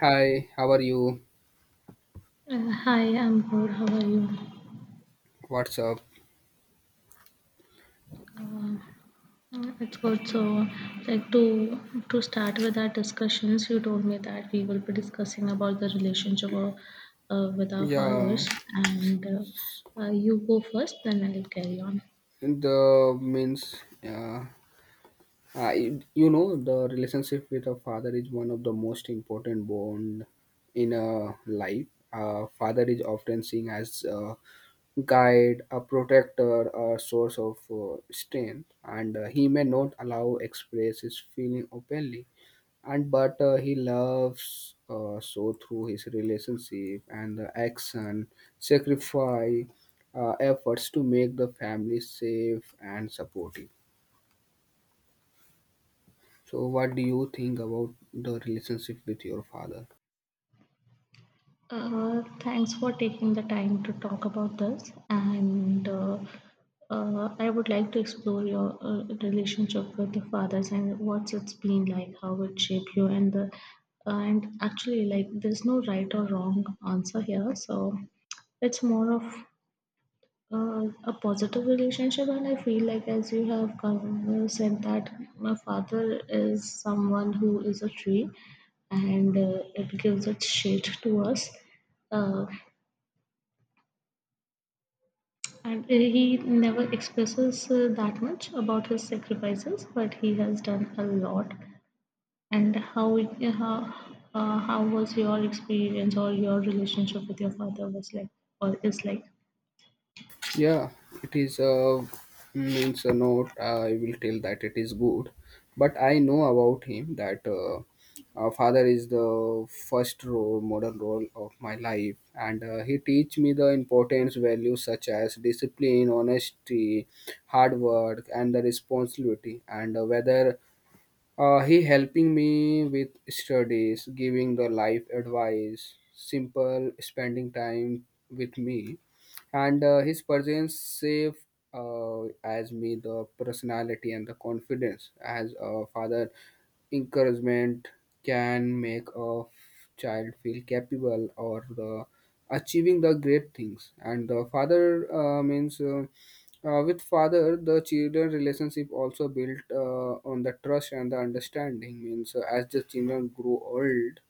Hi, how are you? Hi, I'm good. How are you? What's up? Uh, it's good. So, like to to start with our discussions, you told me that we will be discussing about the relationship of, with our Yeah, fathers, and you go first, then I'll carry on. the means, yeah, I, you know, The relationship with a father is one of the most important bond in a life. A father is often seen as a guide, a protector, a source of strength, and he may not allow express his feeling openly and but he loves so through his relationship and the action sacrifice efforts to make the family safe and supportive. So what do you think about the relationship with your father? Thanks for taking the time to talk about this. And I would like to explore your relationship with the fathers and what's it's been like, how it shaped you, and actually, like, there's no right or wrong answer here. So it's more of a positive relationship, and I feel like, as you have said that my father is someone who is a tree, and it gives its shade to us. Uh, and he never expresses that much about his sacrifices, but he has done a lot. And how how was your experience or your relationship with your father was like, or is like? Yeah, it is means a not. I will tell that it is good, but I know about him that father is the first role, modern role of my life, and he teach me the importance values such as discipline, honesty, hard work, and the responsibility, and whether he helping me with studies, giving the life advice, simple spending time with me, and his presence save as me the personality and the confidence as a father. Encouragement can make a child feel capable or the achieving the great things, and the father means. With father, the children relationship also built on the trust and the understanding. Means As the children grew old,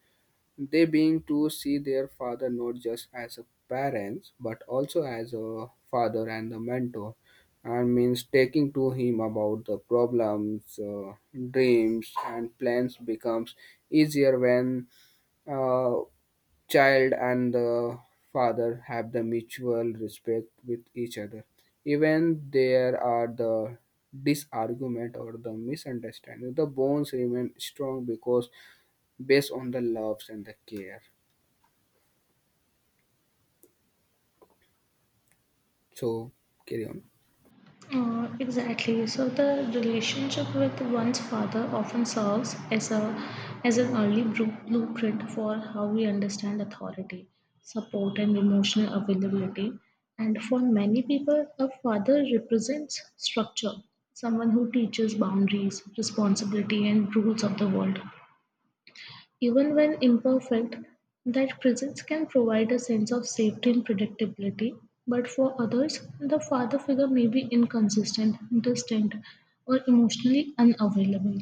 they being to see their father not just as a parents but also as a father and a mentor, and means taking to him about the problems, dreams, and plans becomes easier when uh, child and the father have the mutual respect with each other, even there are the disargument or the misunderstanding. The bonds remain strong because based on the loves and the care. So carry on. Exactly. So the relationship with one's father often serves as a as an early blueprint for how we understand authority, support, and emotional availability. And for many people, a father represents structure, someone who teaches boundaries, responsibility, and rules of the world. Even when imperfect, that presence can provide a sense of safety and predictability, but for others, the father figure may be inconsistent, distant, or emotionally unavailable.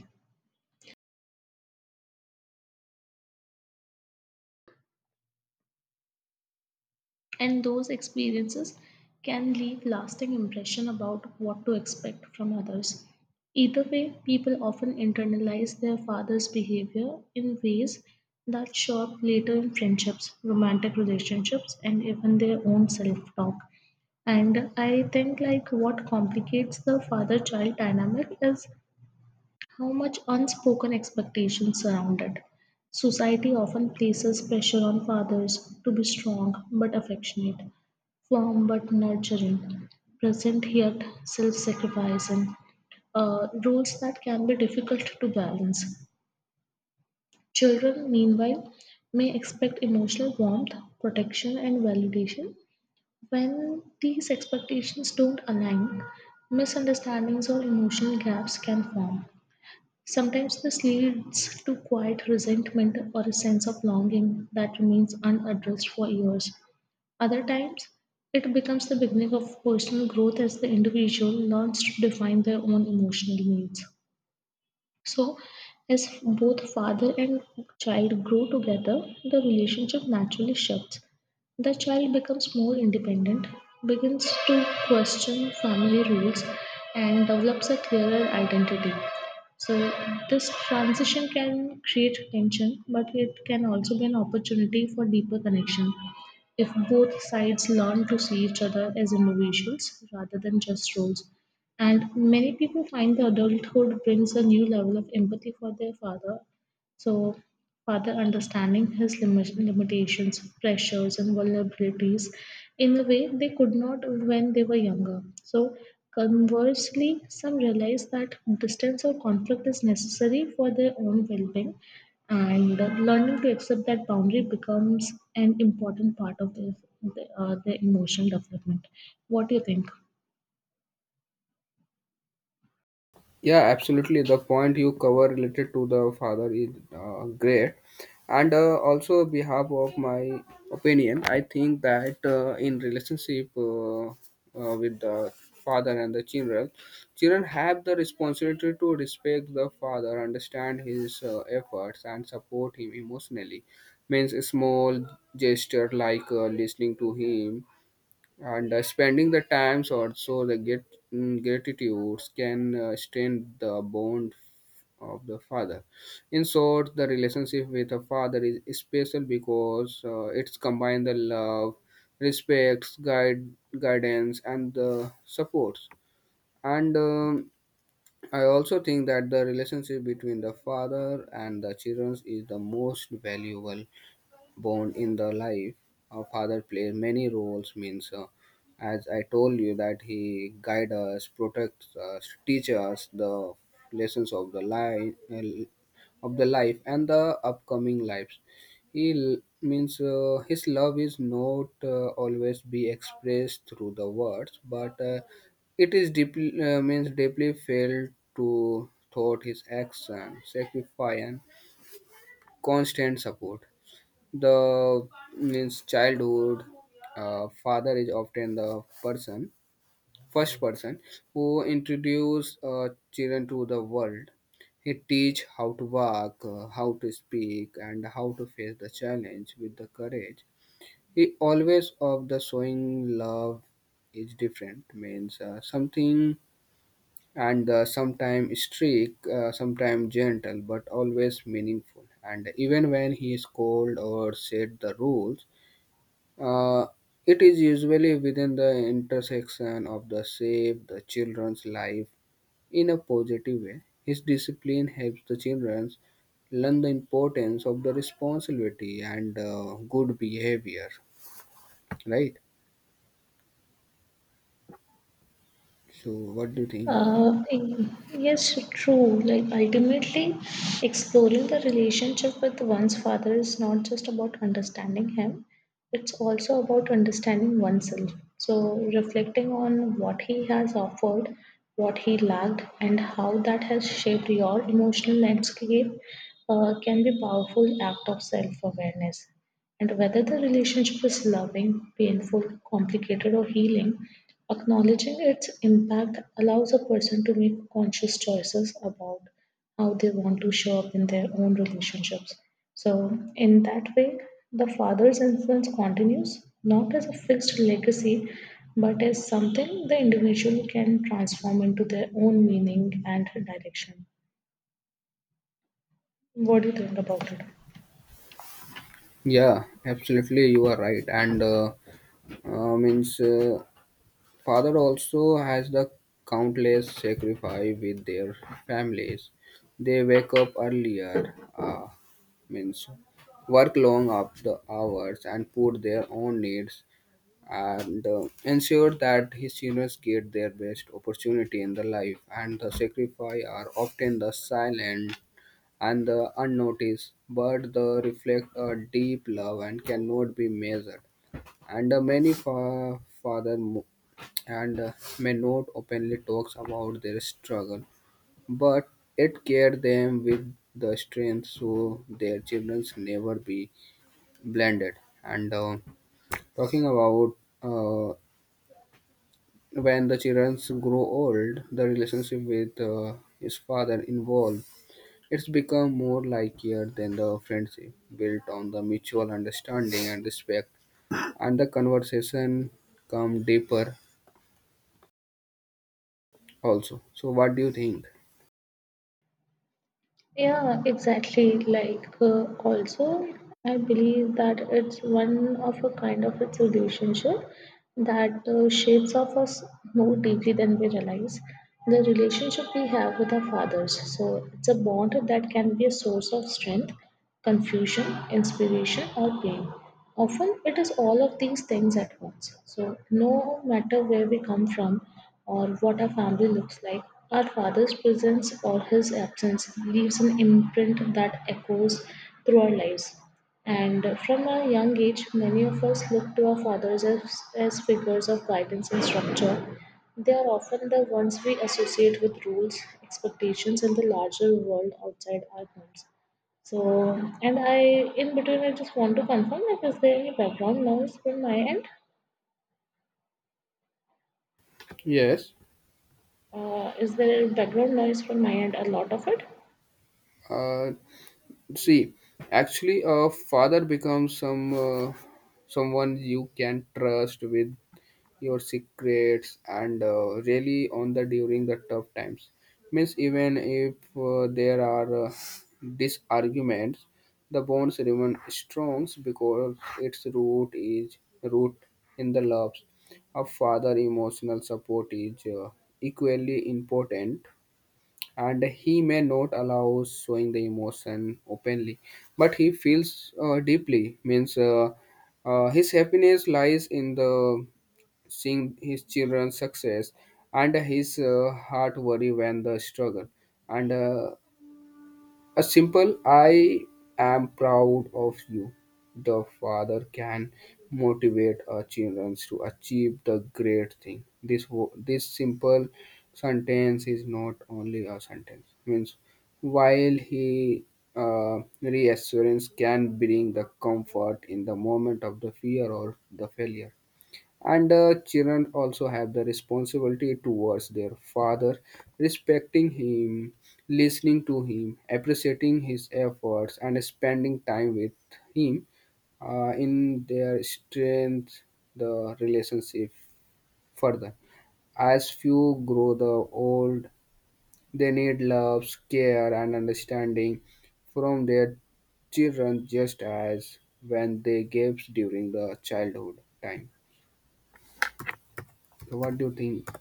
And those experiences can leave lasting impression about what to expect from others. Either way, people often internalize their father's behavior in ways that show up later in friendships, romantic relationships, and even their own self talk. And I think like what complicates the father-child dynamic is how much unspoken expectations surround it. Society often places pressure on fathers to be strong but affectionate, firm but nurturing, present yet self-sacrificing, roles that can be difficult to balance. Children, meanwhile, may expect emotional warmth, protection, and validation when these expectations don't align, misunderstandings or emotional gaps can form. Sometimes this leads to quiet resentment or a sense of longing that remains unaddressed for years. Other times, it becomes the beginning of personal growth as the individual learns to define their own emotional needs. So, as both father and child grow together, the relationship naturally shifts. The child becomes more independent, begins to question family rules, and develops a clearer identity. So, this transition can create tension, but it can also be an opportunity for deeper connection. If both sides learn to see each other as individuals rather than just roles, and many people find the adulthood brings a new level of empathy for their father. So, father understanding his limitations, pressures, and vulnerabilities in a way they could not when they were younger. So, conversely, some realize that distance or conflict is necessary for their own well being, and learning to accept that boundary becomes an important part of their emotional development. What do you think? Yeah, absolutely. The point you cover related to the father is great, and also behalf of my opinion, I think that in relationship with the father and the children, children have the responsibility to respect the father, understand his efforts, and support him emotionally. Means a small gesture like listening to him and spending the times also the get gratitudes can strengthen the bond of the father. In short, the relationship with a father is special because it's combined the love, respects, guide guidance and the supports. And I also think that the relationship between the father and the children is the most valuable born in the life. Our father plays many roles means As I told you that he guide us, protects us, teach us the lessons of the life, of the life and the upcoming lives. He l- means His love is not always be expressed through the words, but it is deeply felt to thought his action, sacrifice and constant support. The means childhood Father is often the person, first person who introduce children to the world. He teach how to walk, how to speak and how to face the challenge with the courage. He always of the showing love is different, means something, and sometimes strict, sometimes gentle but always meaningful. And even when he is cold or set the rules, uh, it is usually within the intersection of the save the children's life in a positive way. His discipline helps the children learn the importance of the responsibility and good behavior, right? So, what do you think? Uh, yes, true. Like ultimately, exploring the relationship with one's father is not just about understanding him, it's also about understanding oneself. So, reflecting on what he has offered, what he lacked, and how that has shaped your emotional landscape can be powerful act of self-awareness. And whether the relationship is loving, painful, complicated, or healing, acknowledging its impact allows a person to make conscious choices about how they want to show up in their own relationships. So, in that way, the father's influence continues not as a fixed legacy but as something the individual can transform into their own meaning and direction. What do you think about it? Yeah, absolutely, you are right. And means Father also has the countless sacrifice with their families. They wake up earlier, means work long up the hours and put their own needs and ensure that his seniors get their best opportunity in the life. And the sacrifice are often the silent and the unnoticed but the reflect a deep love and cannot be measured. And many fa- father mo- and May not openly talks about their struggle, but it cared them with the strength so their children never be blinded. And talking about uh, when the children grow old, the relationship with his father involved, it's become more like here than the friendship built on the mutual understanding and respect, and the conversation come deeper also. So, what do you think? Yeah, exactly. Like, also, I believe that it's one of a kind of its relationship that shapes of us more deeply than we realize. The relationship we have with our fathers. So, it's a bond that can be a source of strength confusion, inspiration, or pain. Often it is all of these things at once. So, no matter where we come from or what our family looks like, our father's presence or his absence leaves an imprint that echoes through our lives. And from a young age, many of us look to our fathers as figures of guidance and structure. They are often the ones we associate with rules, expectations, and the larger world outside our homes. So, and I, in between, I just want to confirm if is there any background noise from my end? Yes. Is there background noise from my end? A lot of it? Uh, See, actually, a father becomes someone you can trust with your secrets and really on the during the tough times. Means even if there are disarguments, the bonds remain strong because its root is root in the loves. A father emotional support is equally important, and he may not allow showing the emotion openly but he feels deeply means His happiness lies in the seeing his children's success, and his heart worry when the struggle. And a simple "I am proud of you." The father can motivate our children to achieve the great thing. This simple sentence is not only a sentence. Means While he reassurance can bring the comfort in the moment of the fear or the failure, and children also have the responsibility towards their father, respecting him, listening to him, appreciating his efforts and spending time with him, in their strength. The relationship further, as few grow the old, they need love, care and understanding from their children, just as when they gave during the childhood time. So what do you think?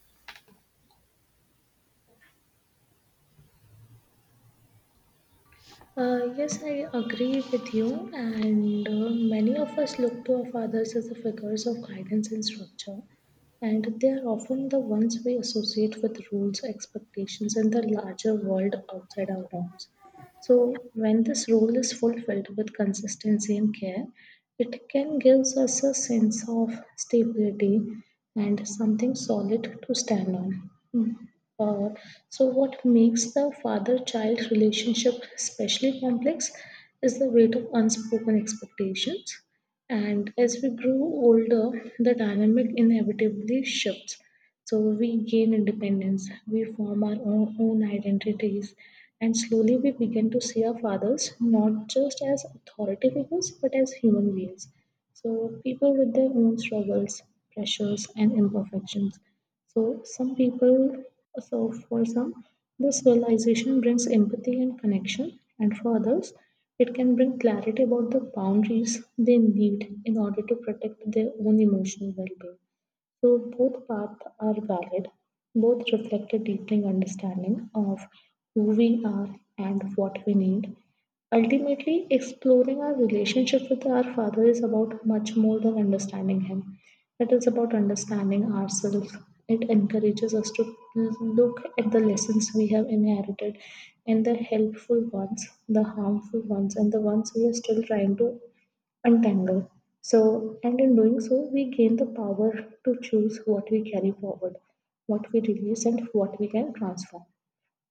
Yes, I agree with you, and many of us look to our fathers as the figures of guidance and structure, and they are often the ones we associate with rules, expectations, and the larger world outside our homes. So, when this role is fulfilled with consistency and care, it can give us a sense of stability and something solid to stand on. Hmm. Uh, so, what makes the father child relationship especially complex is the weight of unspoken expectations. And as we grow older, the dynamic inevitably shifts. So, we gain independence, we form own identities, and slowly we begin to see our fathers not just as authority figures but as human beings. So people with their own struggles, pressures, and imperfections. So some people, so for some, this realization brings empathy and connection, and for others, it can bring clarity about the boundaries they need in order to protect their own emotional well-being. So both paths are valid. Both reflect a deepening understanding of who we are and what we need. Ultimately, exploring our relationship with our Father is about much more than understanding Him. It is about understanding ourselves. It encourages us to look at the lessons we have inherited and the helpful ones, the harmful ones, and the ones we are still trying to untangle. So, and in doing so, we gain the power to choose what we carry forward, what we release, and what we can transform.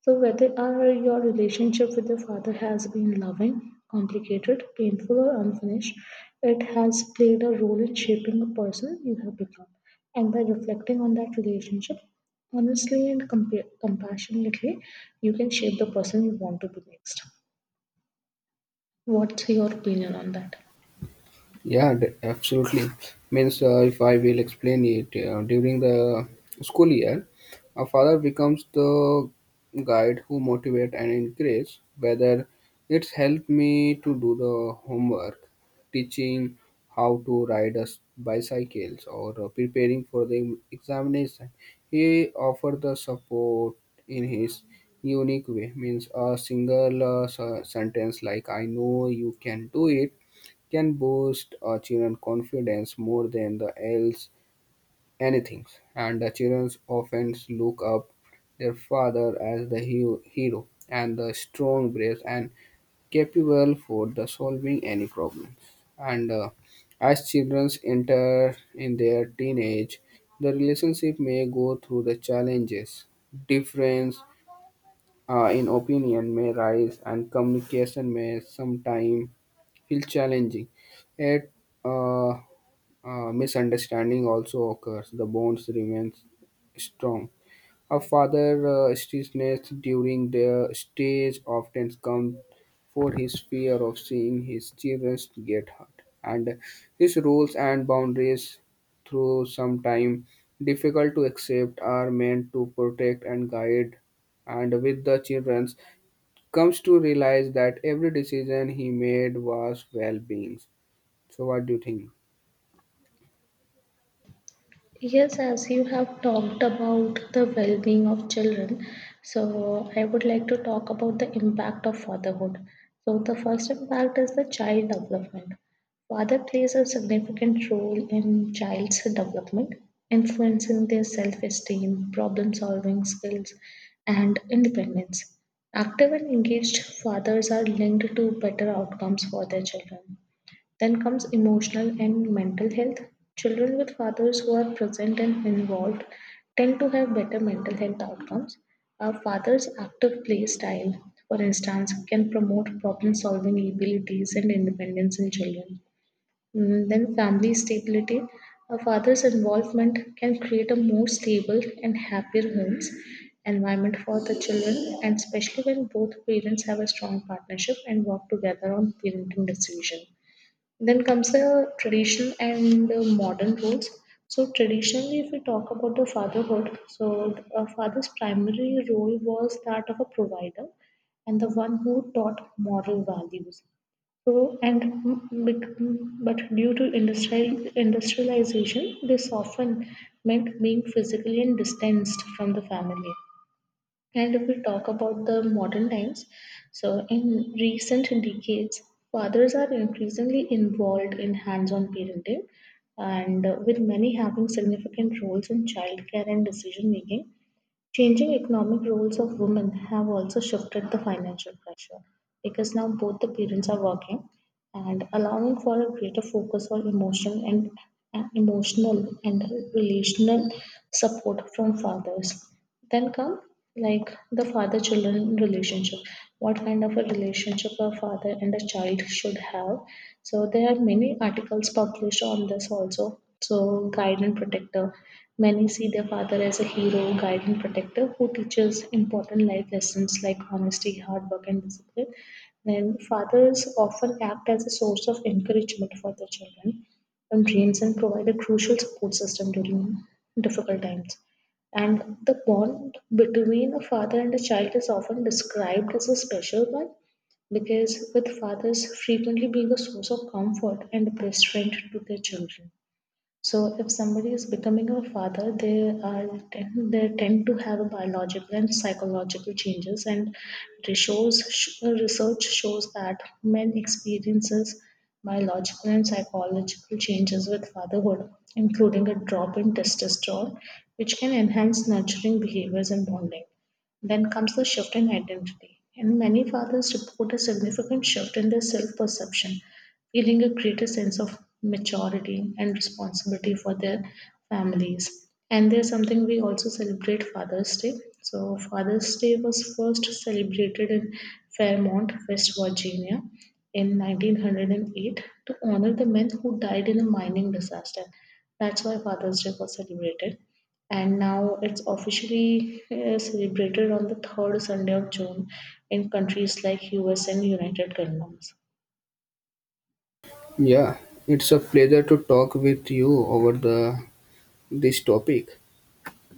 So, whether your relationship with your father has been loving, complicated, painful, or unfinished, it has played a role in shaping the person you have become. And by reflecting on that relationship, honestly and compassionately, you can shape the person you want to be next. What's your opinion on that? Yeah, absolutely. Means If I will explain it, during the school year, a father becomes the guide who motivate and encourage. Whether it's helped me to do the homework, teaching how to ride a bicycles, or preparing for the examination, he offered the support in his unique way. Means a single sentence like "I know you can do it." can boost children's confidence more than the else anything. And the children often look up their father as the hero, and the strong, brave, and capable for the solving any problems. And as children enter in their teenage, the relationship may go through the challenges. Difference in opinion may rise, and communication may sometime feel challenging. Yet, uh, misunderstanding also occurs. The bonds remain strong. A father strictness during their stage often comes for his fear of seeing his children get hurt, and his rules and boundaries, through some time difficult to accept, are meant to protect and guide. And with the children comes to realize that every decision he made was well-being. So what do you think? Yes, as you have talked about the well being of children, so I would like to talk about the impact of fatherhood. So, the first impact is the child development. Father plays a significant role in child's development, influencing their self esteem, problem solving skills, and independence. Active and engaged fathers are linked to better outcomes for their children then comes emotional and mental health. Children with fathers who are present and involved tend to have better mental health outcomes. A father's active play style, for instance, can promote problem solving abilities and independence in children. Mm, then, family stability. A father's involvement can create a more stable and happier homes environment for the children, and especially when both parents have a strong partnership and work together on parenting decision. Then comes the tradition and the modern roles. So traditionally, if we talk about the fatherhood, so a father's primary role was that of a provider and the one who taught moral values. So and mm, bec- mm, But due to industrialization, this often meant being physically and distanced from the family. And if we talk about the modern times, so in recent decades, fathers are increasingly involved in hands on parenting, and with many having significant roles in childcare and decision making. Changing economic roles of women have also shifted the financial pressure because now both the parents are working and allowing for a greater focus on and emotional and relational support from fathers. Then come like the father children relationship. What kind of a relationship a father and a child should have? So there are many articles published on this also. So guide and protector. Many see their father as a hero, guide and protector who teaches important life lessons like honesty, hard work, and discipline and fathers often act as a source of encouragement for their children and dreams and provide a crucial support system during difficult times. And the bond between a father and a child is often described as a special one because with fathers frequently being a source of comfort and best friend to their children. So if somebody is becoming a father, they tend to have a biological and psychological changes, and research shows that men experiences biological and psychological changes with fatherhood, including a drop in testosterone, which can enhance nurturing behaviors and bonding. Then comes the shift in identity. And many fathers report a significant shift in their self perception feeling a greater sense of maturity and responsibility for their families. And there's something we also celebrate Father's Day. So, Father's Day was first celebrated in Fairmont, West Virginia in 1908 to honor the men who died in a mining disaster. That's why Father's Day was celebrated. And now it's officially celebrated on the third Sunday of June in countries like US and United Kingdoms. Yeah, it's a pleasure to talk with you over the this topic.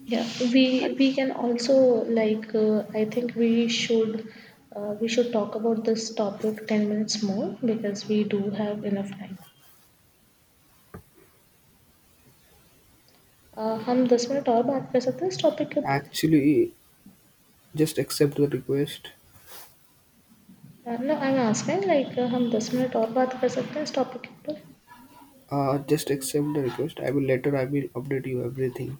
Yeah, we can also like I think we should talk about this topic 10 minutes more because we do have enough time. हम दस minute और बात कर सकते हैं इस topic के ऊपर Actually, just accept the request. No I am asking like हम दस मिनट और बात कर सकते हैं इस टॉपिक के ऊपर Just accept the request. I will later. I will update you everything.